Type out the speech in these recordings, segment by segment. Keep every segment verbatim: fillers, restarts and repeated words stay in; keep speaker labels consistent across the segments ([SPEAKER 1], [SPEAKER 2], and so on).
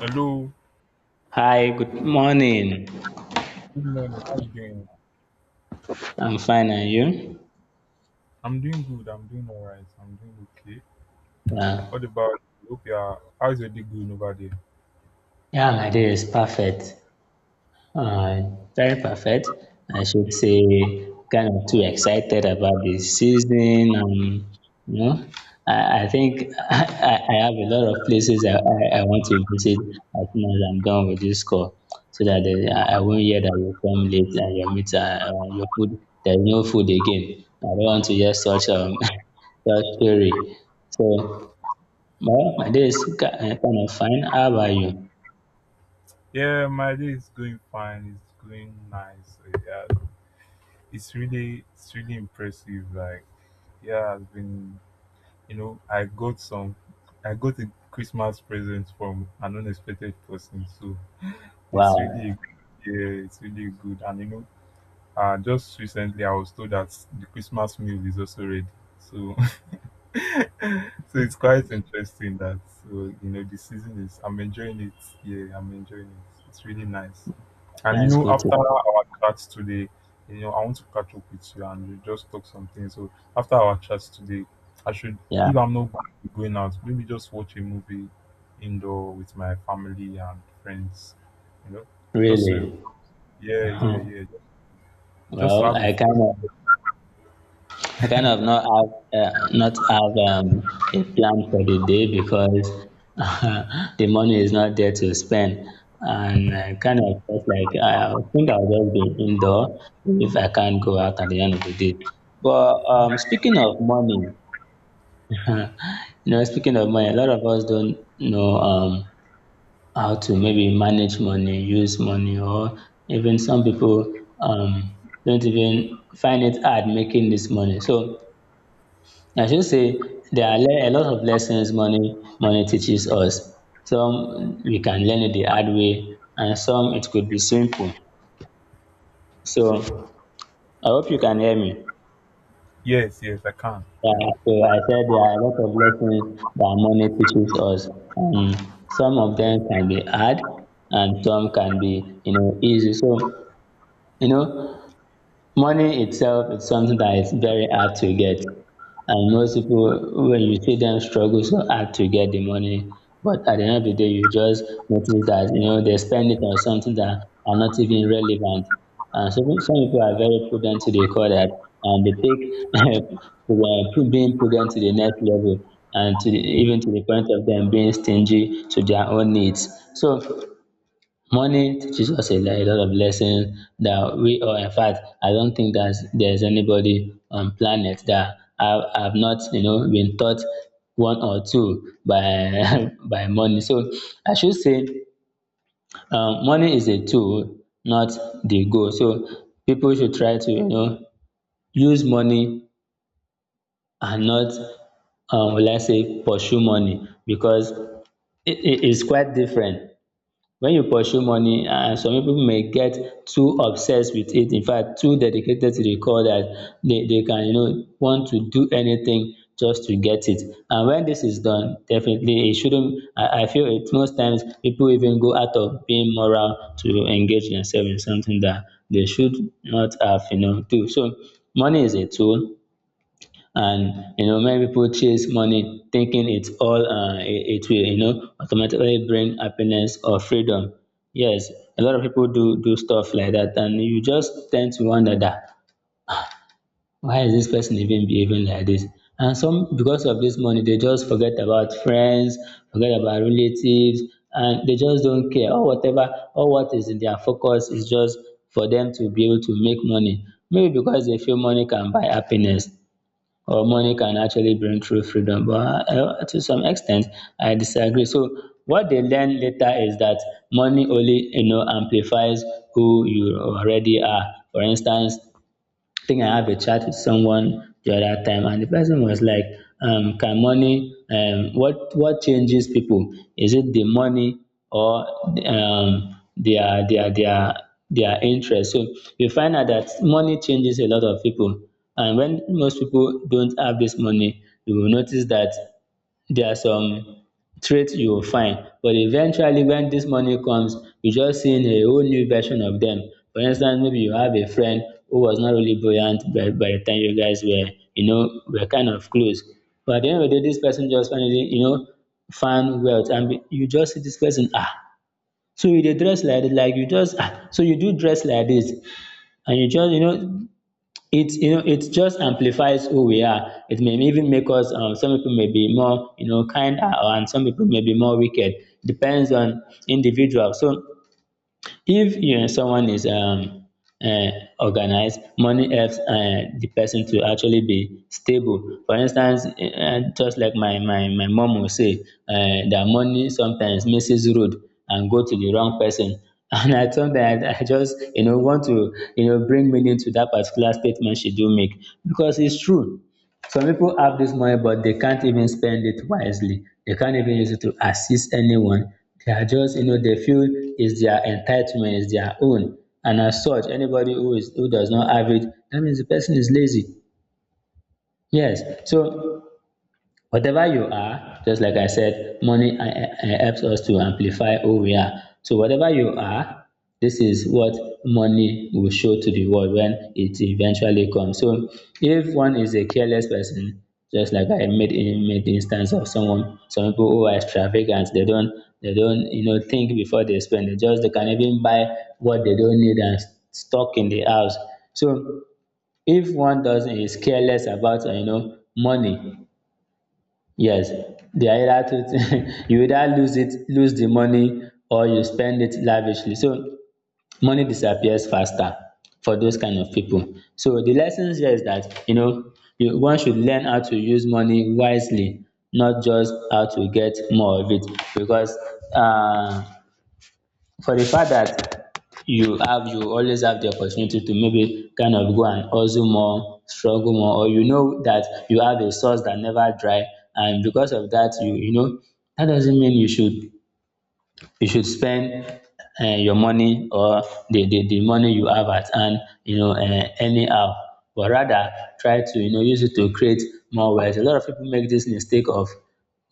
[SPEAKER 1] Hello,
[SPEAKER 2] Hi, good morning.
[SPEAKER 1] good morning. How you doing?
[SPEAKER 2] I'm fine, and you?
[SPEAKER 1] I'm doing good. I'm doing all right. I'm doing okay.
[SPEAKER 2] Yeah,
[SPEAKER 1] What about you? Hope you are. How's your day going over there?
[SPEAKER 2] yeah, my day is perfect. Uh, very perfect. I should say, kind of too excited about the season. Um, you know, I, I think I, I I have a lot of places I, I, I want to visit as soon as I'm done with this call, so that the, I, I won't hear that you come late and your meat, uh, uh, your food, there's no food again. I don't want to hear such um such story. So. Well, my day is ki uh, kind of fine. How about you?
[SPEAKER 1] Yeah, my day is going fine. It's going nice. Uh, Yeah, it's really, it's really impressive. Like, yeah, I've been. You know, I got some. I got a Christmas present from an unexpected person. So it's really good.
[SPEAKER 2] Wow,
[SPEAKER 1] Yeah, it's really good. And you know, uh, just recently I was told that the Christmas meal is also ready. So. So it's quite interesting that uh, you know the season is, I'm enjoying it. Yeah, I'm enjoying it. It's really nice. And you
[SPEAKER 2] that's
[SPEAKER 1] know,
[SPEAKER 2] good to.
[SPEAKER 1] after our chat today, you know, I want to catch up with you and we just talk something. So after our chat today, I should,
[SPEAKER 2] Yeah,
[SPEAKER 1] if I'm not going to be going out, maybe just watch a movie indoor with my family and friends, you know, just to,
[SPEAKER 2] really.
[SPEAKER 1] yeah, yeah, yeah, just to
[SPEAKER 2] Well,
[SPEAKER 1] have a
[SPEAKER 2] I kind of I kind of not have uh, not have um, a plan for the day because the money is not there to spend, and
[SPEAKER 1] feel.
[SPEAKER 2] I kind of felt like I, I think I'll just be indoor if I can't go out at the end of the day. But um, speaking of money, you know, speaking of money, a lot of us don't know um how to maybe manage money, use money, or even some people um, don't even find it hard making this money. So I should say there are le- a lot of lessons money money teaches us. Some we can learn it the hard way, and some it could be simple. So I hope you can hear me.
[SPEAKER 1] Yes, yes I can. Yeah,
[SPEAKER 2] Yeah, so I said there are a lot of lessons that money teaches us. Um, some of them can be hard and some can be, you know, easy. So, you know, money itself is something that is very hard to get. And most people, when you see them struggle so hard to get the money, but at the end of the day, you just notice that, you know, they spend it on something that are not even relevant. And so some people are very prudent to the core that, and they take pro- being prudent to the next level and to the, even to the point of them being stingy to their own needs. So money teaches us a, like, a lot of lessons that we, or in fact I don't think that there's anybody on planet that have, have not you know been taught one or two by by money. So I should say um, money is a tool, not the goal. So people should try to you know use money and not, um, let's say pursue money because it, it is quite different. When you pursue money, um some people may get too obsessed with it. In fact, too dedicated to the cause that they they can you know want to do anything just to get it. And when this is done, definitely it shouldn't, I I feel it most times people even go out of being moral to engage themselves in something that they should not have, you know do. So money is a tool, and you know many people chase money thinking it's all, uh, it, it will you know automatically bring happiness or freedom. Yes, a lot of people do do stuff like that, and you just tend to wonder that why is this person even behaving like this. And some, because of this money, they just forget about friends, forget about relatives, and they just don't care or whatever, or what is in their focus is just for them to be able to make money, maybe because they feel money can buy happiness or money can actually bring true freedom. But uh, to some extent, I disagree. So what they learn later is that money only, you know amplifies who you already are. For instance, I think I have a chat with someone the other time, and the person was like, um, "Can money? Um, what what changes people? Is it the money, or um, their their their their interest?" So you find out that money changes a lot of people, and when most people don't have this money, you will notice that there are some traits you will find, but eventually when this money comes, you just seeing a whole new version of them. For instance, maybe you have a friend who was not really buoyant by by the time you guys were you know were kind of close, but at the end of the day, this person just finally, you know found wealth. And be you just see this person, ah. So you dey dress like dis, like you just um so you do dress like this, and you just, you know, it, you know it just amplifies who we are. It may even make us, um, some people may be more, you know kinder, and some people may be more wicked. Depends on individual. So if um someone is um um organized, money helps um the person to actually be stable. For instance, um just like my my my mum will say, um that money sometimes misses road and go to the wrong person, and I, sometimes I just, you know want to, you know bring meaning to that particular statement she do make, because it's true. Some people have this money, but they can't even spend it wisely. They can't even use it to assist anyone. They are just, you know, they feel it's their entitlement, it's their own. And as such, anybody who is, who does not have it, that means the person is lazy. Yes. So, whatever you are, just like I said, money, uh, uh, uh, helps us to amplify who we are. So whatever you are, this is what money will show to the world when it eventually comes. So if one is a careless person, just like I made in made instance of someone, some people who are extravagant, they don't, they don't you know think before they spend. They just, they can even buy what they don't need and stock in the house. So if one doesn't is careless about, uh, you know money, yes, the either you either lose it lose the money, or you spend it lavishly. So money disappears faster for those kind of people. So the lessons here is that, you know you one should learn how to use money wisely, not just how to get more of it, because uh. for the fact that you have you always have the opportunity to maybe kind of go and hustle more, struggle more, or you know that you have a source that never dry, and because of that, you you know, that doesn't mean you should you should spend, um your money, or the the the money you have at hand, you know um anyhow, but rather try to, you know use it to create more wealth. A lot of people make this mistake of,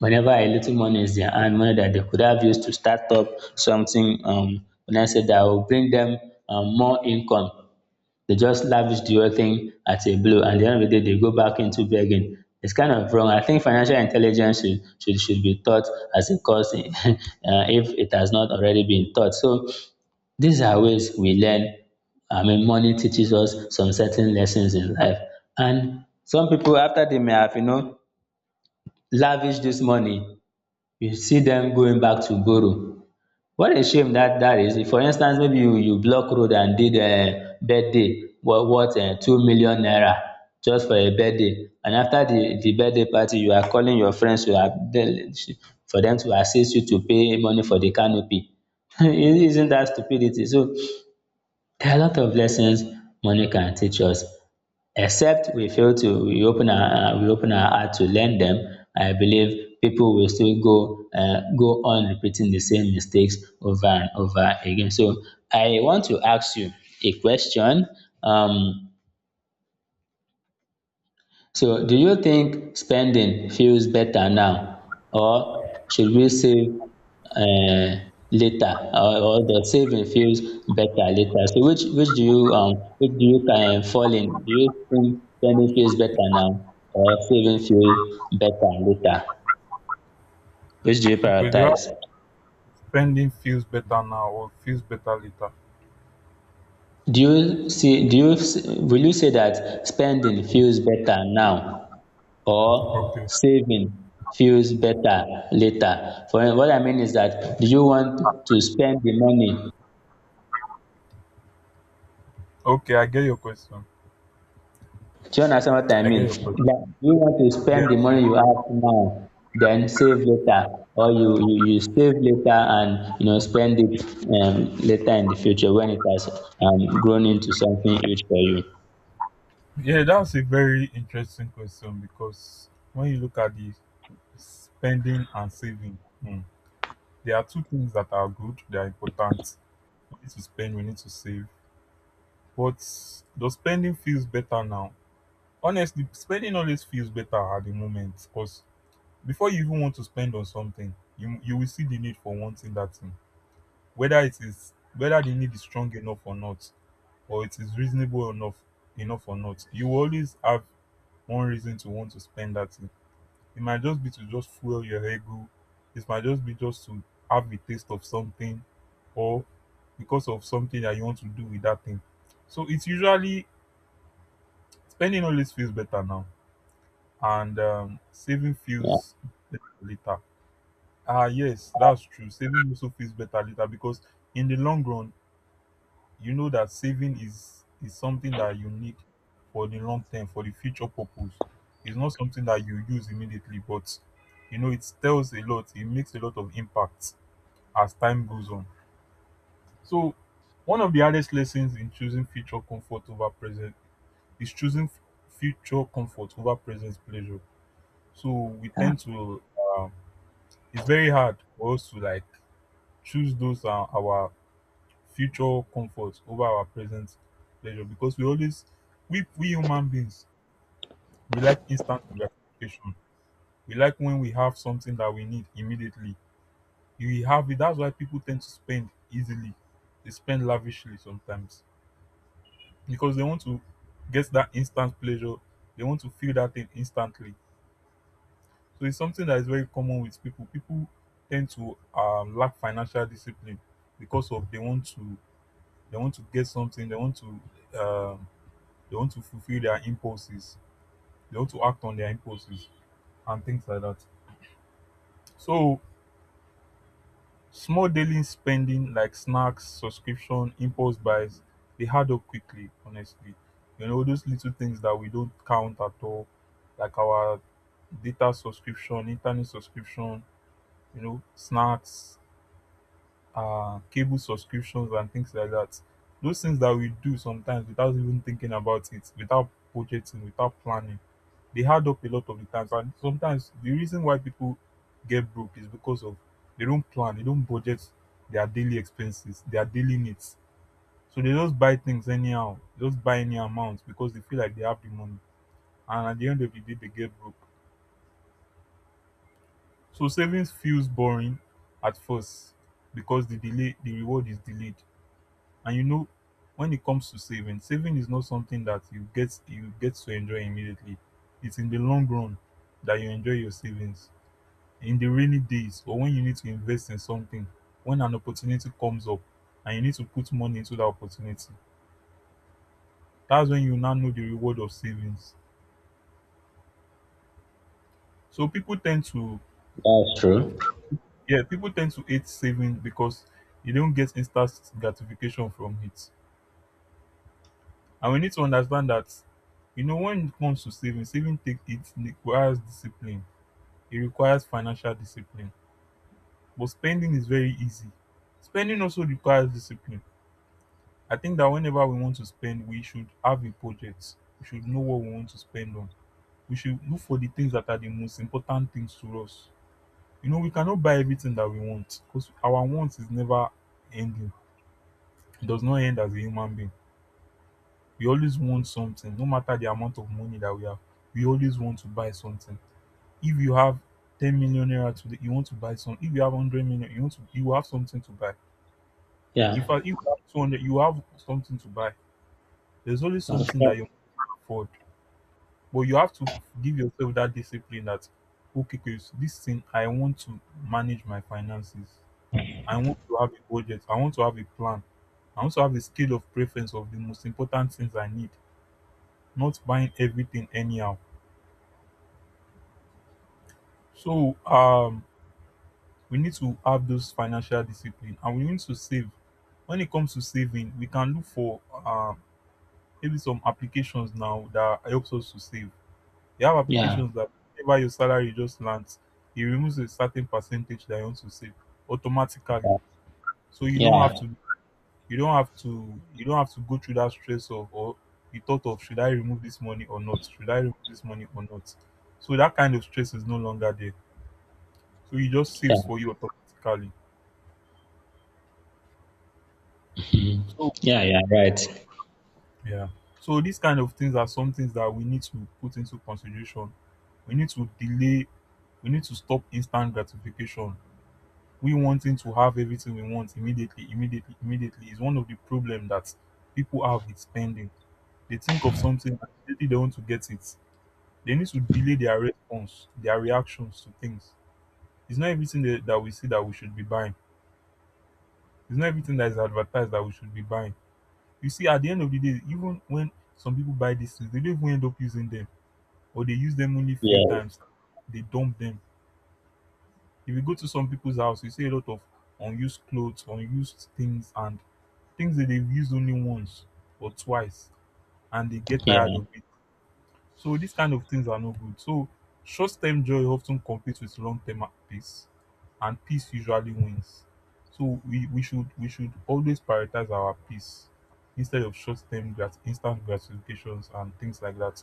[SPEAKER 2] whenever a little money is their hand, money that they could have used to start up something, um when I say that will bring them um more income, they just lavish the whole thing at a blow. And at the end of the day, they go back into begging. It's kind of wrong. I think financial intelligence should, should, should be taught as a course, uh, if it has not already been taught. So these are ways we learn. I mean, money teaches us some certain lessons in life. And some people, after they may have, you know, lavished this money, you see them going back to borrow. What a shame dat dat is. If, for instance, maybe you you block road and did um birthday worth um two million naira just for a birthday, and after the the birthday party you are calling your friends to for them to assist you to pay money for the canopy, isn't that stupidity? So there are a lot of lessons money can teach us. Except we fail to, we open our, uh, we open our heart to learn them, I believe people will still go uh, go on repeating the same mistakes over and over again. So I want to ask you a question. Um, so do you think spending feels better now, or should we save um later, or or the saving feels better later? So which which do you um which do you um fall in? Do you think spending feels better now or saving feels better later? Which do you
[SPEAKER 1] okay, do you have
[SPEAKER 2] prioritize?
[SPEAKER 1] spending feels better now or feels better later?
[SPEAKER 2] Do you see do you s- will you say that spending feels better now, or
[SPEAKER 1] Okay.
[SPEAKER 2] saving feels better later? For what I mean is that, do you want to spend the money?
[SPEAKER 1] Okay, I get your question.
[SPEAKER 2] Do you understand what I
[SPEAKER 1] I
[SPEAKER 2] mean?
[SPEAKER 1] get your question.
[SPEAKER 2] Like, do you want to
[SPEAKER 1] Yes,
[SPEAKER 2] spend the
[SPEAKER 1] yeah.
[SPEAKER 2] money you have now, then save later, or you you, you save later and, you know spend it, um, later in the future when it has, um, grown into something huge for you.
[SPEAKER 1] Yeah, that's a very interesting question because when you look at the spending and saving, hmm, there are two things that are good, they are important. We need to spend, we need to save. But the spending feels better now. Honestly, spending always feels better at the moment because before you even want to spend on something, you you will see the need for wanting that thing. Whether it is, whether the need is strong enough or not, or it is reasonable enough enough or not, you will always have one reason to want to spend that thing. It might just be to just fuel your ego. It might just be just to have a taste of something or because of something that you want to do with that thing. So it's usually spending always feels better now and um, saving
[SPEAKER 2] Yeah,
[SPEAKER 1] feels better later. Ah, yes, that's true. Saving also feels better later because in the long run, you know that saving is is something that you need for the long term, for the future purpose. It's not something that you use immediately, but you know it tells a lot, it makes a lot of impact as time goes on. So one of the hardest lessons in choosing future comfort over present is choosing f- future comfort over present pleasure. So we
[SPEAKER 2] yeah,
[SPEAKER 1] tend to, um, it's very hard for us to like choose those uh, our future comfort over our present pleasure because we always, we we human beings, we like instant gratification. We like when we have something that we need immediately, we have it. That's why people tend to spend easily. They spend lavishly sometimes because they want to get that instant pleasure. They want to feel that thing instantly. So it's something that is very common with people. People tend to um, lack financial discipline because of, they want to, they want to get something, they want to um, they want to fulfill their impulses. They want to act on their impulses and things like that. So, small daily spending like snacks, subscription, impulse buys, they add up quickly, honestly. You know, those little things that we don't count at all, like our data subscription, internet subscription, you know, snacks, uh, cable subscriptions, and things like that. Those things that we do sometimes without even thinking about it, without budgeting, without planning, they hard up a lot of the times. And sometimes the reason why people get broke is because of, they don't plan, they don't budget their daily expenses, their daily needs. So they just buy things anyhow, just buy any amount because they feel like they have the money. And at the end of the day, they get broke. So savings feels boring at first because the delay, the reward is delayed. And you know, when it comes to saving, saving is not something that you get you get to enjoy immediately. It's in the long run that you enjoy your savings, in the rainy days or when you need to invest in something, when an opportunity comes up and you need to put money into that opportunity, that's when you now know the reward of savings. So people tend to,
[SPEAKER 2] that's true.
[SPEAKER 1] yeah, people tend to hate saving because you don't get instant gratification from it. And we need to understand that, you know, when it comes to saving, saving take it requires discipline. It requires financial discipline. But spending is very easy. Spending also requires discipline. I think that whenever we want to spend, we should have a budget. We should know what we want to spend on. We should look for the things that are the most important things to us. You know, we cannot buy everything that we want because our wants is never ending. It does not end as a human being. We always want something, no matter the amount of money that we have. We always want to buy something. If you have ten million naira today, you want to buy some. If you have one hundred million, you want to, you have something to buy. In
[SPEAKER 2] Yeah.
[SPEAKER 1] fact, if you have two hundred, you have something to buy. There's always something
[SPEAKER 2] Okay.
[SPEAKER 1] that you can afford. But you have to give yourself that discipline that, okay, Chris, this thing, I want to manage my finances. I want to have a budget. I want to have a plan. I want to have a scale of preference of the most important things I need, not buying everything anyhow. So, um, we need to have those financial discipline and we need to save. When it comes to saving, we can look for um, maybe some applications now that helps us to save. You have
[SPEAKER 2] Yeah.
[SPEAKER 1] applications that whenever your salary just lands, it removes a certain percentage that you want to save automatically.
[SPEAKER 2] Yeah.
[SPEAKER 1] So you don't have
[SPEAKER 2] Yeah.
[SPEAKER 1] to, you don't have to you don't have to go through that stress of, or the thought of, should I remove this money or not? Should I remove this money or not? So that kind of stress is no longer there. So it just saves
[SPEAKER 2] Yeah.
[SPEAKER 1] for you automatically.
[SPEAKER 2] Mm.
[SPEAKER 1] So
[SPEAKER 2] Yeah. Yeah. Right.
[SPEAKER 1] yeah. So these kind of things are some things that we need to put into consideration. We need to delay, we need to stop instant gratification. We wanting to have everything we want immediately, immediately, immediately is one of the problem that people have with spending. They think of something and immediately they want to get it. They need to delay their response, their reactions to things. It's not everything that, that we see that we should be buying. It's not everything that is advertised that we should be buying. You see, at the end of the day, even when some people buy these things, they don't even end up using them, or they use them only few
[SPEAKER 2] Yeah.
[SPEAKER 1] times. They dump them. If you go to some people's house, you see a lot of unused clothes, unused things, and things that they've used only once or twice and they get tired
[SPEAKER 2] Yeah.
[SPEAKER 1] of it. So these kind of things are not good. So short-term joy often competes with long-term peace, and peace usually wins. So we, we should, we should always prioritize our peace instead of short-term grat- instant gratifications and things like that.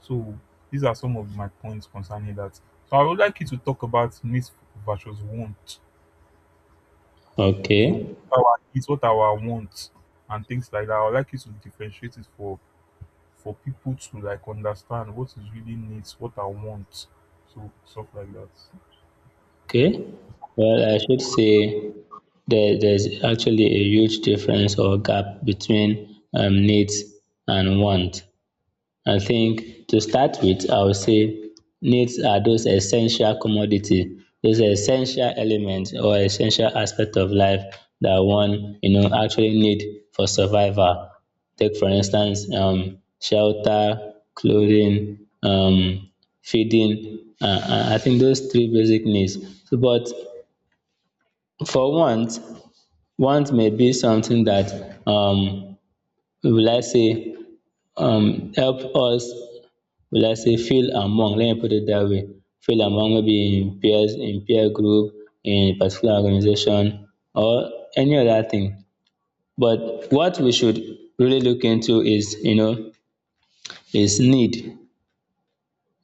[SPEAKER 1] So these are some of my points concerning that. So I would like you to talk about myth versus want. So
[SPEAKER 2] Okay,
[SPEAKER 1] what our needs, what our wants and things like that. I would like you to differentiate it for for people to like understand what is really needs, what I want. So stuff like that. Yeah.
[SPEAKER 2] okay. Well, I should say there, there's actually a huge difference or gap between um, needs and want. I think to start with, I would say needs are those essential commodity, those essential elements or essential aspect of life that one you know actually need for survival. Take for instance, um, shelter, clothing, um, feeding. Uh, uh, I think those three basic needs. So, but for want, want may be something that um, will I say um, help us we like say feel among, let me put it that way, feel among maybe in peers, in peer group, in a particular organization or any other thing. But what we should really look into is, you know is need.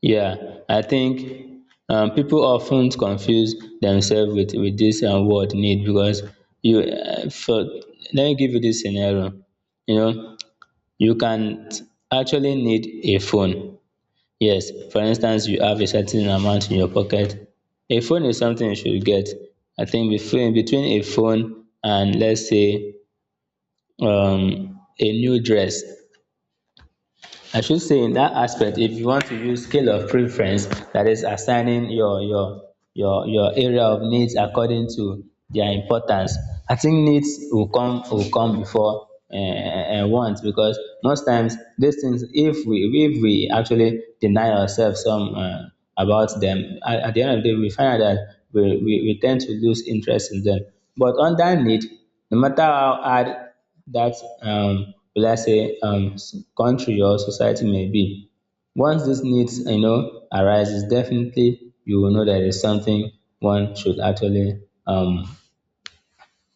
[SPEAKER 2] Yeah, I think um, people often confuse themselves with with this uh, word need. Because you uh, for, let me give you this scenario. you know you can actually need a phone. Yes, for instance, you have a certain amount in your pocket. A phone is something you should get. I think between between a phone and let's say um, a new dress, I should say in that aspect, if you want to use scale of preference, that is assigning your, your, your, your area of needs according to their importance, I think needs will come, will come before, eh, eh, wants, because most times, these things, if we, if we actually deny ourselves some, uh, about them, at, at the end of the day, we find out that we, we, we tend to lose interest in them. But on that need, no matter how hard that um, will I say um, s- country or society may be. Once these needs you know arises, definitely you will know that is something one should actually um,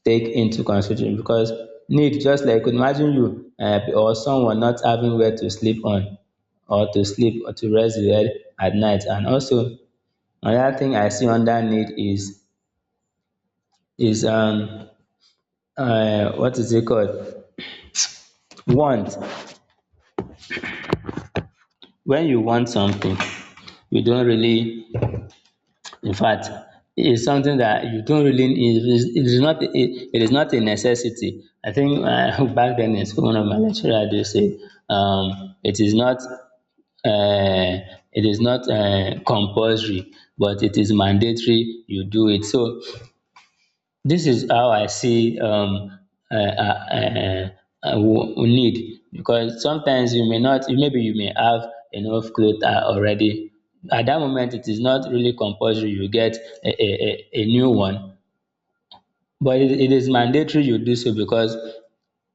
[SPEAKER 2] take into consideration, because need, just like imagine you uh, or someone not having where to sleep on, or to sleep, or to rest the head at night. And also another thing I see under need is is um uh, what is it called? Want. When you want something, you don't really, in fact, it's something that you don't really, it is, it is not a, it is not a necessity. I think uh, back then in school one of my lecturer do say um it is not uh, it is not uh, compulsory, but it is mandatory you do it. So this is how I see um um need, because sometimes you may not, maybe you may have enough cloth uh, already. At that moment it is not really compulsory you get a a a a new one, but it, it is mandatory you do so because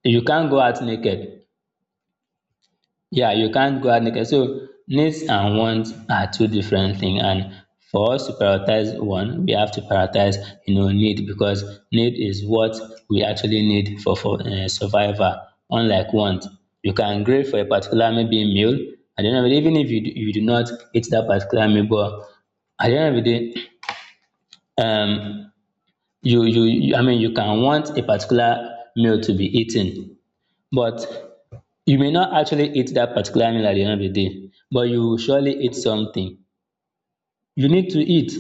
[SPEAKER 2] you can't go out naked. Yeah, you can't go out naked. So needs and wants are two different things. And for us to prioritize one, we have to prioritize, you know, need, because need is what we actually need for for uh, survival. Unlike want, you can crave for a particular maybe meal. At the end of the day, even if you do, you do not eat that particular meal, but at the end of the day, um, you, you you I mean, you can want a particular meal to be eaten, but you may not actually eat that particular meal at the end of the day, but you will surely eat something. You need to eat.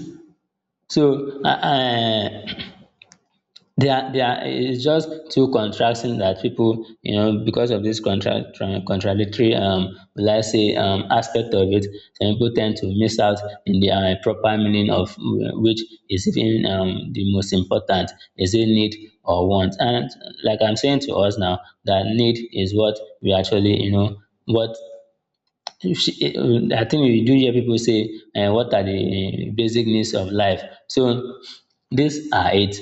[SPEAKER 2] So uh, uh, they are, they are, it's just too contrasting that people, you know, because of this contra- tra- contradictory, um, will I say, um, aspect of it, some people tend to miss out in the uh, proper meaning of uh, which is even um, the most important. Is it need or want? And like I'm saying to us now, that need is what we actually, you know, what. You see, uh, I think you do hear people say um what are the uh, basic needs of life. So these are it.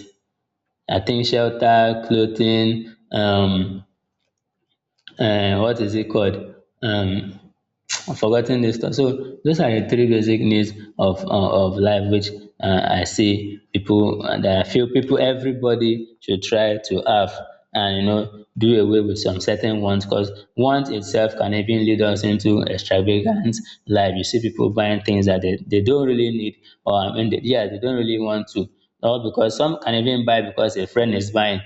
[SPEAKER 2] I think shelter, clothing, um, um, what is it called? Um, I'm forgetting this stuff. So those are the three basic needs of uh, of life, which uh, I see people uh, that I feel people, everybody, should try to have, and you know do away with some certain wants, because want itself can even lead us into extravagant life. You see people buying things that they, they don't really need, or I mean, they, yeah, they don't really want to. Or because some can even buy because a friend is buying,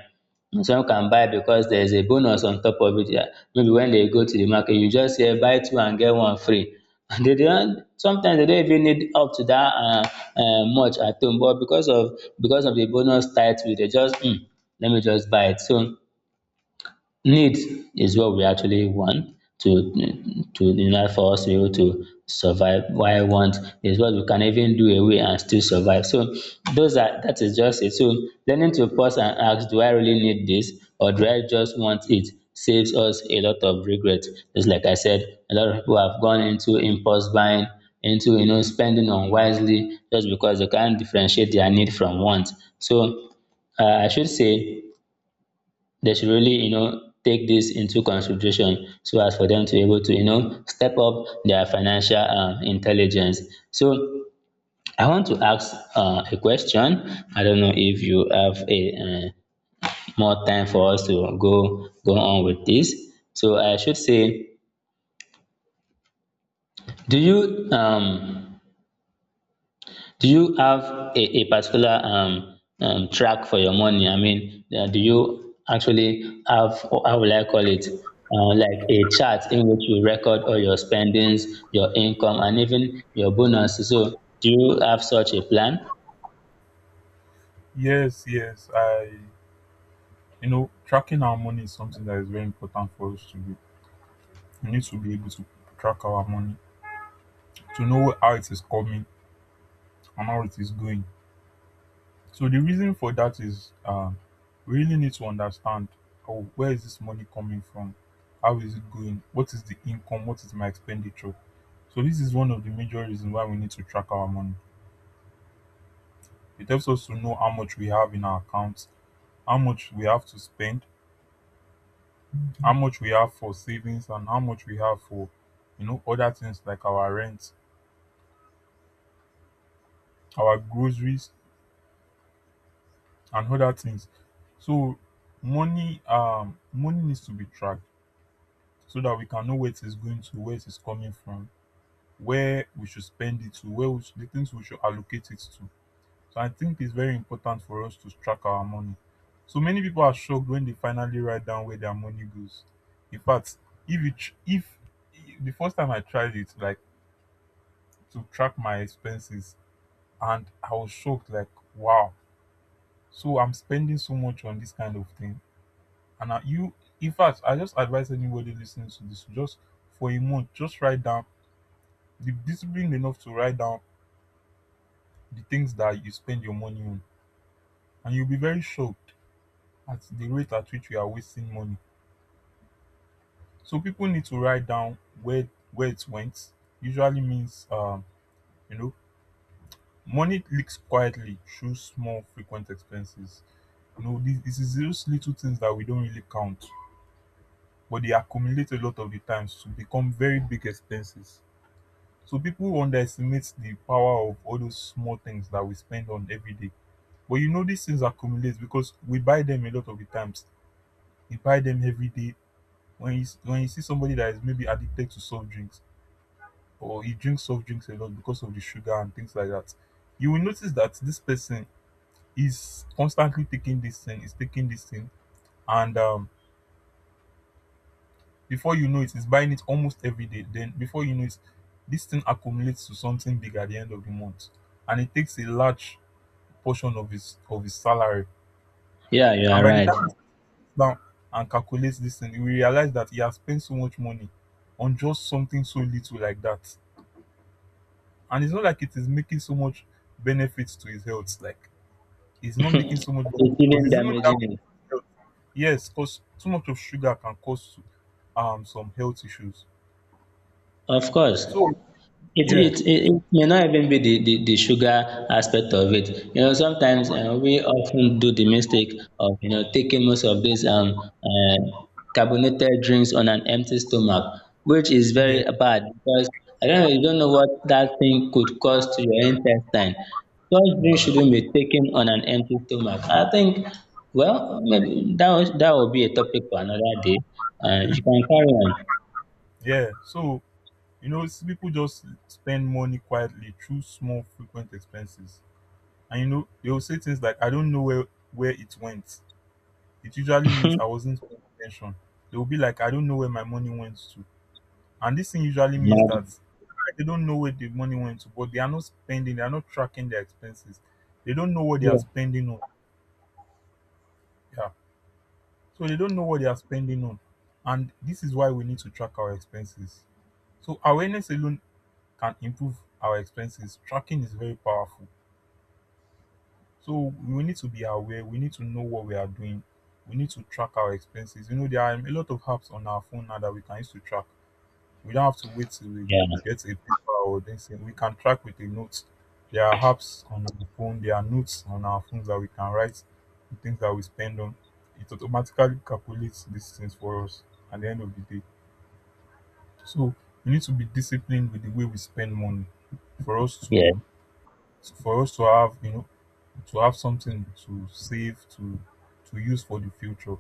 [SPEAKER 2] some can buy because there is a bonus on top of it. Yeah. Maybe when they go to the market, you just hear buy two and get one free. And they don't, sometimes they don't even need up to that uh, uh, much at home, but because of because of the bonus title, they just, hmm, let me just buy it. So needs is what we actually want to to in order for us to be able to survive, why want is what we can even do away and still survive. So those are, that is just it. So learning to pause and ask, do I really need this or do I just want it, saves us a lot of regret. Just like I said, a lot of people have gone into impulse buying, into you know spending unwisely, just because they can't differentiate their need from want. So uh, I should say they should really you know take this into consideration so as for them to be able to you know step up their financial um, intelligence. So I want to ask uh, a question. I don't know if you have a uh, more time for us to go go on with this, so I should say, do you um do you have a, a particular um, um, track for your money? I mean, uh, do you actually have, or how will I call it, uh, like a chart in which you record all your spendings, your income, and even your bonus? So, do you have such a plan?
[SPEAKER 1] Yes, yes. I, you know, tracking our money is something that is very important for us to do. We need to be able to track our money, to know how it is coming and how it is going. So the reason for that is, um, we really need to understand, oh, where is this money coming from? How is it going? What is the income? What is my expenditure? So this is one of the major reasons why we need to track our money. It helps us to know how much we have in our accounts, how much we have to spend, how much we have for savings, and how much we have for, you know, other things like our rent, our groceries, and other things. So money um money needs to be tracked so that we can know where it is going to, where it is coming from, where we should spend it to, where we should, the things we should allocate it to. So I think it's very important for us to track our money. So many people are shocked when they finally write down where their money goes. In fact, if you tr- if the first time I tried it, like to track my expenses, and I was shocked, like wow. So I'm spending so much on this kind of thing, and I, you, in fact, I just advise anybody listening to this, just for a month, just write down. The discipline enough to write down the things that you spend your money on, and you'll be very shocked at the rate at which we are wasting money. So people need to write down where where it went. Usually means um, you know money leaks quietly through small frequent expenses. You know this, this is those little things that we don't really count, but they accumulate a lot of the times to become very big expenses. So people underestimate the power of all those small things that we spend on every day. But you know these things accumulate because we buy them a lot of the times. We buy them every day. When you when you see somebody that is maybe addicted to soft drinks, or he drinks soft drinks a lot because of the sugar and things like that, you will notice that this person is constantly taking this thing, is taking this thing, and um, before you know it, is buying it almost every day. Then before you know it, this thing accumulates to something big at the end of the month, and it takes a large portion of his of his salary.
[SPEAKER 2] Yeah, you
[SPEAKER 1] And
[SPEAKER 2] are
[SPEAKER 1] by the
[SPEAKER 2] right.
[SPEAKER 1] time down and calculate this thing, you will realize that he has spent so much money on just something so little like that. And it's not like it is making so much benefits to his health. Like it's not making so much benefit
[SPEAKER 2] It's
[SPEAKER 1] because
[SPEAKER 2] even
[SPEAKER 1] it's even
[SPEAKER 2] damaging it.
[SPEAKER 1] damaging his health. Yes, because too much of sugar can cause um some health issues.
[SPEAKER 2] Of course.
[SPEAKER 1] So
[SPEAKER 2] It
[SPEAKER 1] yeah,
[SPEAKER 2] it it it may not even be the the the sugar aspect of it. You know, sometimes um we often do the mistake of you know taking most of these um uh carbonated drinks on an empty stomach, which is
[SPEAKER 1] yeah,
[SPEAKER 2] very bad because I don't know, you don't know what that thing could cause to your intestine. Such drinks
[SPEAKER 1] mm,
[SPEAKER 2] shouldn't be taken on an empty stomach. I think well maybe that was that will be a topic for another day. Uh, you can carry on.
[SPEAKER 1] yeah. So you know, s- people just spend money quietly through small frequent expenses, and you know they will say things like, "I don't know where where it went." It usually means I wasn't paying attention. They will be like, I don't know where my money went to. And this thing usually means
[SPEAKER 2] Imagine.
[SPEAKER 1] that they don't know where the money went to, but they are not spending, they are not tracking their expenses. They don't know what they are
[SPEAKER 2] Yeah.
[SPEAKER 1] spending on. Yeah. So they don't know what they are spending on. And this is why we need to track our expenses. So awareness alone can improve our expenses. Tracking is very powerful. So we need to be aware, we need to know what we are doing. We need to track our expenses. You know, there are a lot of apps on our phone now that we can use to track. We don't have to wait till we
[SPEAKER 2] Yeah.
[SPEAKER 1] get a paper or this thing. We can track with a note. There are apps on our phone. There are notes on our phones that we can write the things that we spend on. It automatically calculates these things for us at the end of the day. So we need to be disciplined with the way we spend money for us to
[SPEAKER 2] Yeah.
[SPEAKER 1] for us to have you know to have something to save to to use for the future.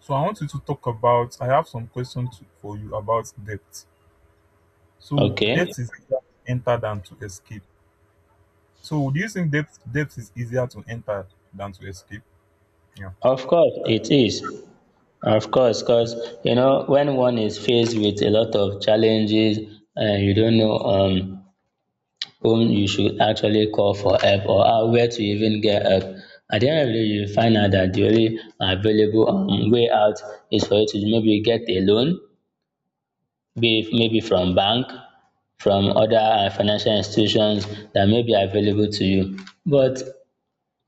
[SPEAKER 1] So I want you to talk about. I have some questions to, for you about debt. So
[SPEAKER 2] Okay.
[SPEAKER 1] depth is easier to enter than to escape. So do you think depth depth is easier to enter than to escape? Yeah.
[SPEAKER 2] Of course, it is. Of course, because you know when one is faced with a lot of challenges and you don't know um whom you should actually call for help, or how, where to even get help. At the end of the day, you find out that the only available um, way out is for you to maybe get a loan, be it maybe from bank, from other uh, financial institutions that may be available to you. But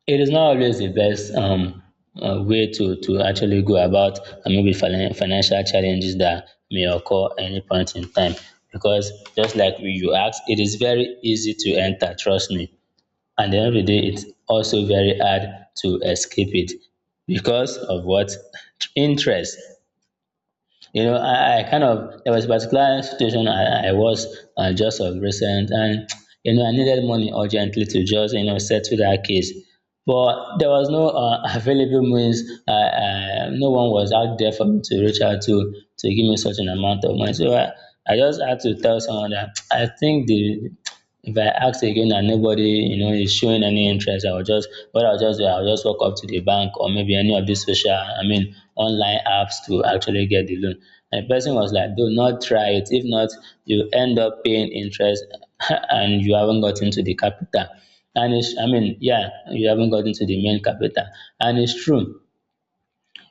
[SPEAKER 2] it is not always the best um, uh, way to, to actually go about uh, maybe finan- financial challenges that may occur any point in time, because just like we you asked, it is very easy to enter, trust me, and at the end of the day it's also very hard to escape it. Because of what? Interest. You know, I, I kind of, there was a particular situation I, I was uh, just of recent, and you know, I needed money urgently to just you know settle that case. But there was no uh, available means. Uh, uh, no one was out there for me to reach out to to give me such an amount of money. So I, I just had to tell someone that I think the, if I ask again and nobody you know is showing any interest, I will just, what I'll just do, I'll just walk up to the bank or maybe any of these social, I mean, online apps to actually get the loan. And the person was like, do not try it, if not you end up paying interest and you haven't got into the capital. And it's, I mean, yeah, you haven't got into the main capital. And it's true,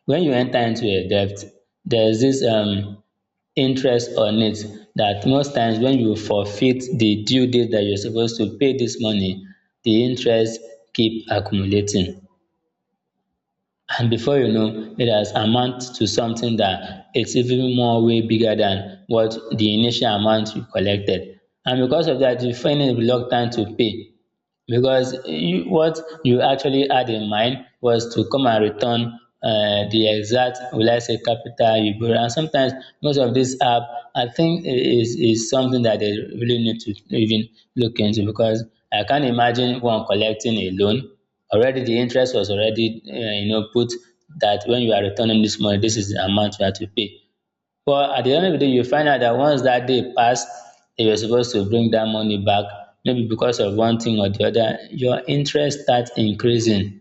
[SPEAKER 2] when you enter into a debt, there's this um interest on it that most times when you forfeit the due date that you're supposed to pay this money, the interest keep accumulating, and before you know it has amount to something that it's even more way bigger than what the initial amount you collected. And because of that you find it reluctant to pay, because you, what you actually had in mind was to come and return uh, the exact, will I say, capital you borrow. And sometimes most of this app, I think i- is is something that they really need to even look into, because I can't imagine one collecting a loan. Already the interest was already uh, you know put that when you are returning this money, this is the amount you have to pay. But at the end of the day, you find out that once that day passed, that you're supposed to bring that money back, maybe because of one thing or the other, your interest starts increasing.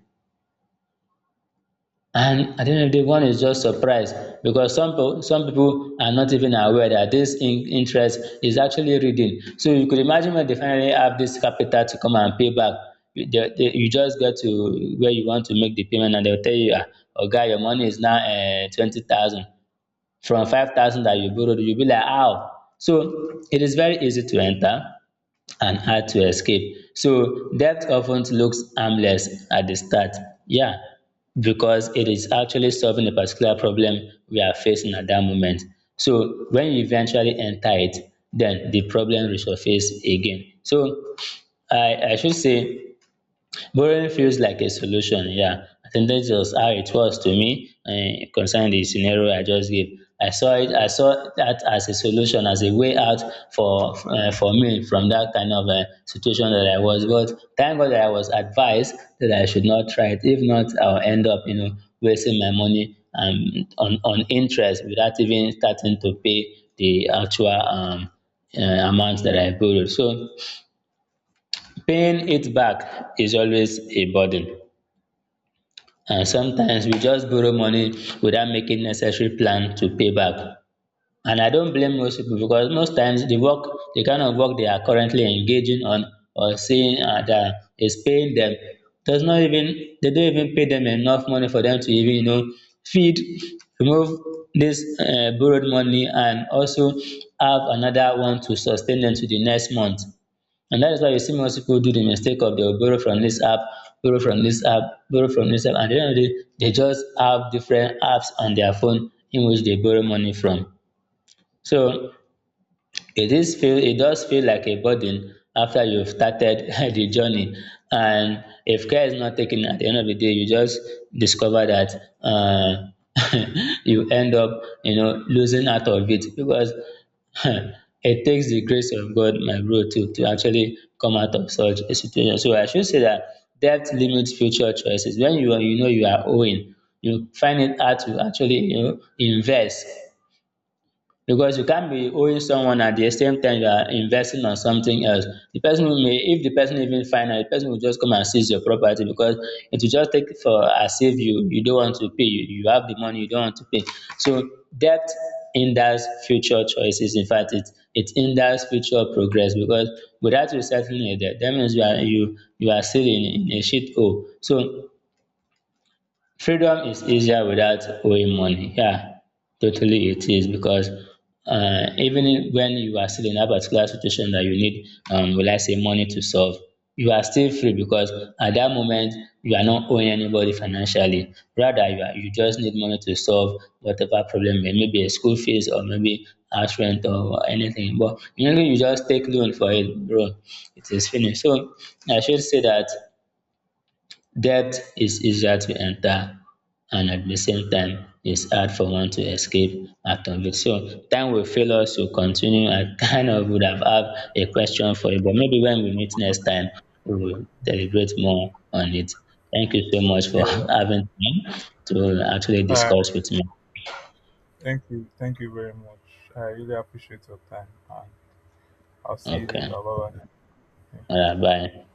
[SPEAKER 2] And at the end of the day, one is just surprised, because some people, some people are not even aware that this in- interest is actually reading. So you could imagine, when they finally have this capital to come and pay back, you they- they- you just get to where you want to make the payment and they'll tell you, "Ah, Oga, your money is now uh, twenty thousand." From five thousand that you borrowed, you'll be like, how? So it is very easy to enter and hard to escape. So debt often looks harmless at the start. Yeah, because it is actually solving a particular problem we are facing at that moment. So when you eventually enter it, then the problem resurface again. So I, I should say, borrowing feels like a solution, yeah. I think that's just how it was to me, uh, concerning the scenario I just gave. I saw it. I saw that as a solution, as a way out for uh, for me, from that kind of uh, situation that I was. But thank God that I was advised that I should not try it. If not, I'll end up, you know, wasting my money um, on on interest without even starting to pay the actual um, uh, amount that I borrowed. So paying it back is always a burden, and sometimes we just borrow money without making necessary plan to pay back. And I don't blame most people, because most times the work the kind of work they are currently engaging on, or seeing uh, that is paying them, does not even they don't even pay them enough money for them to even you know feed, remove this uh, borrowed money, and also have another one to sustain them to the next month. And that is why you see most people do the mistake of, they'll borrow from this app, borrow from this app, borrow from this app. And at the end of the day, they just have different apps on their phone in which they borrow money from. So it is feel it does feel like a burden after you've started the journey. And if care is not taken, at the end of the day you just discover that uh, you end up, you know losing out of it, because it takes the grace of God, my bro, to to actually come out of such a situation. So I should say that debt limits future choices. When you are, you know you are owing, you find it hard to actually, you know invest, because you can't be owing someone at the same time you are investing on something else. The person who may, if the person even find out, the person will just come and seize your property, because it will just take for as if you you don't want to pay, you, you have the money, you don't want to pay. So debt hinders future choices. In fact, it it hinders future progress, because without you settling a debt, that means you are you you are still in, in a shit hole. So freedom is easier without owing money. Yeah, totally it is, because uh, even if- when you are still in that particular situation that you need, um, will I say, money to solve, you are still free, because at that moment you are not owing anybody financially. Rather, you are, you just need money to solve whatever problem, may- maybe a school fees, or maybe house rent, or anything. But you know, you just take loan for it, bro. It is finished. So I should say that debt is easier to enter, and at the same time it's hard for one to escape out of it. So time will fail us to continue. I kind of would have had a question for you, but maybe when we meet next time, we will deliberate more on it. Thank you so much for
[SPEAKER 1] Yeah.
[SPEAKER 2] having me to actually
[SPEAKER 1] Uh,
[SPEAKER 2] discuss with me.
[SPEAKER 1] thank you. Thank you very much. I really appreciate your time. And I'll see you later.
[SPEAKER 2] Okay.
[SPEAKER 1] Bye bye.
[SPEAKER 2] All right, bye.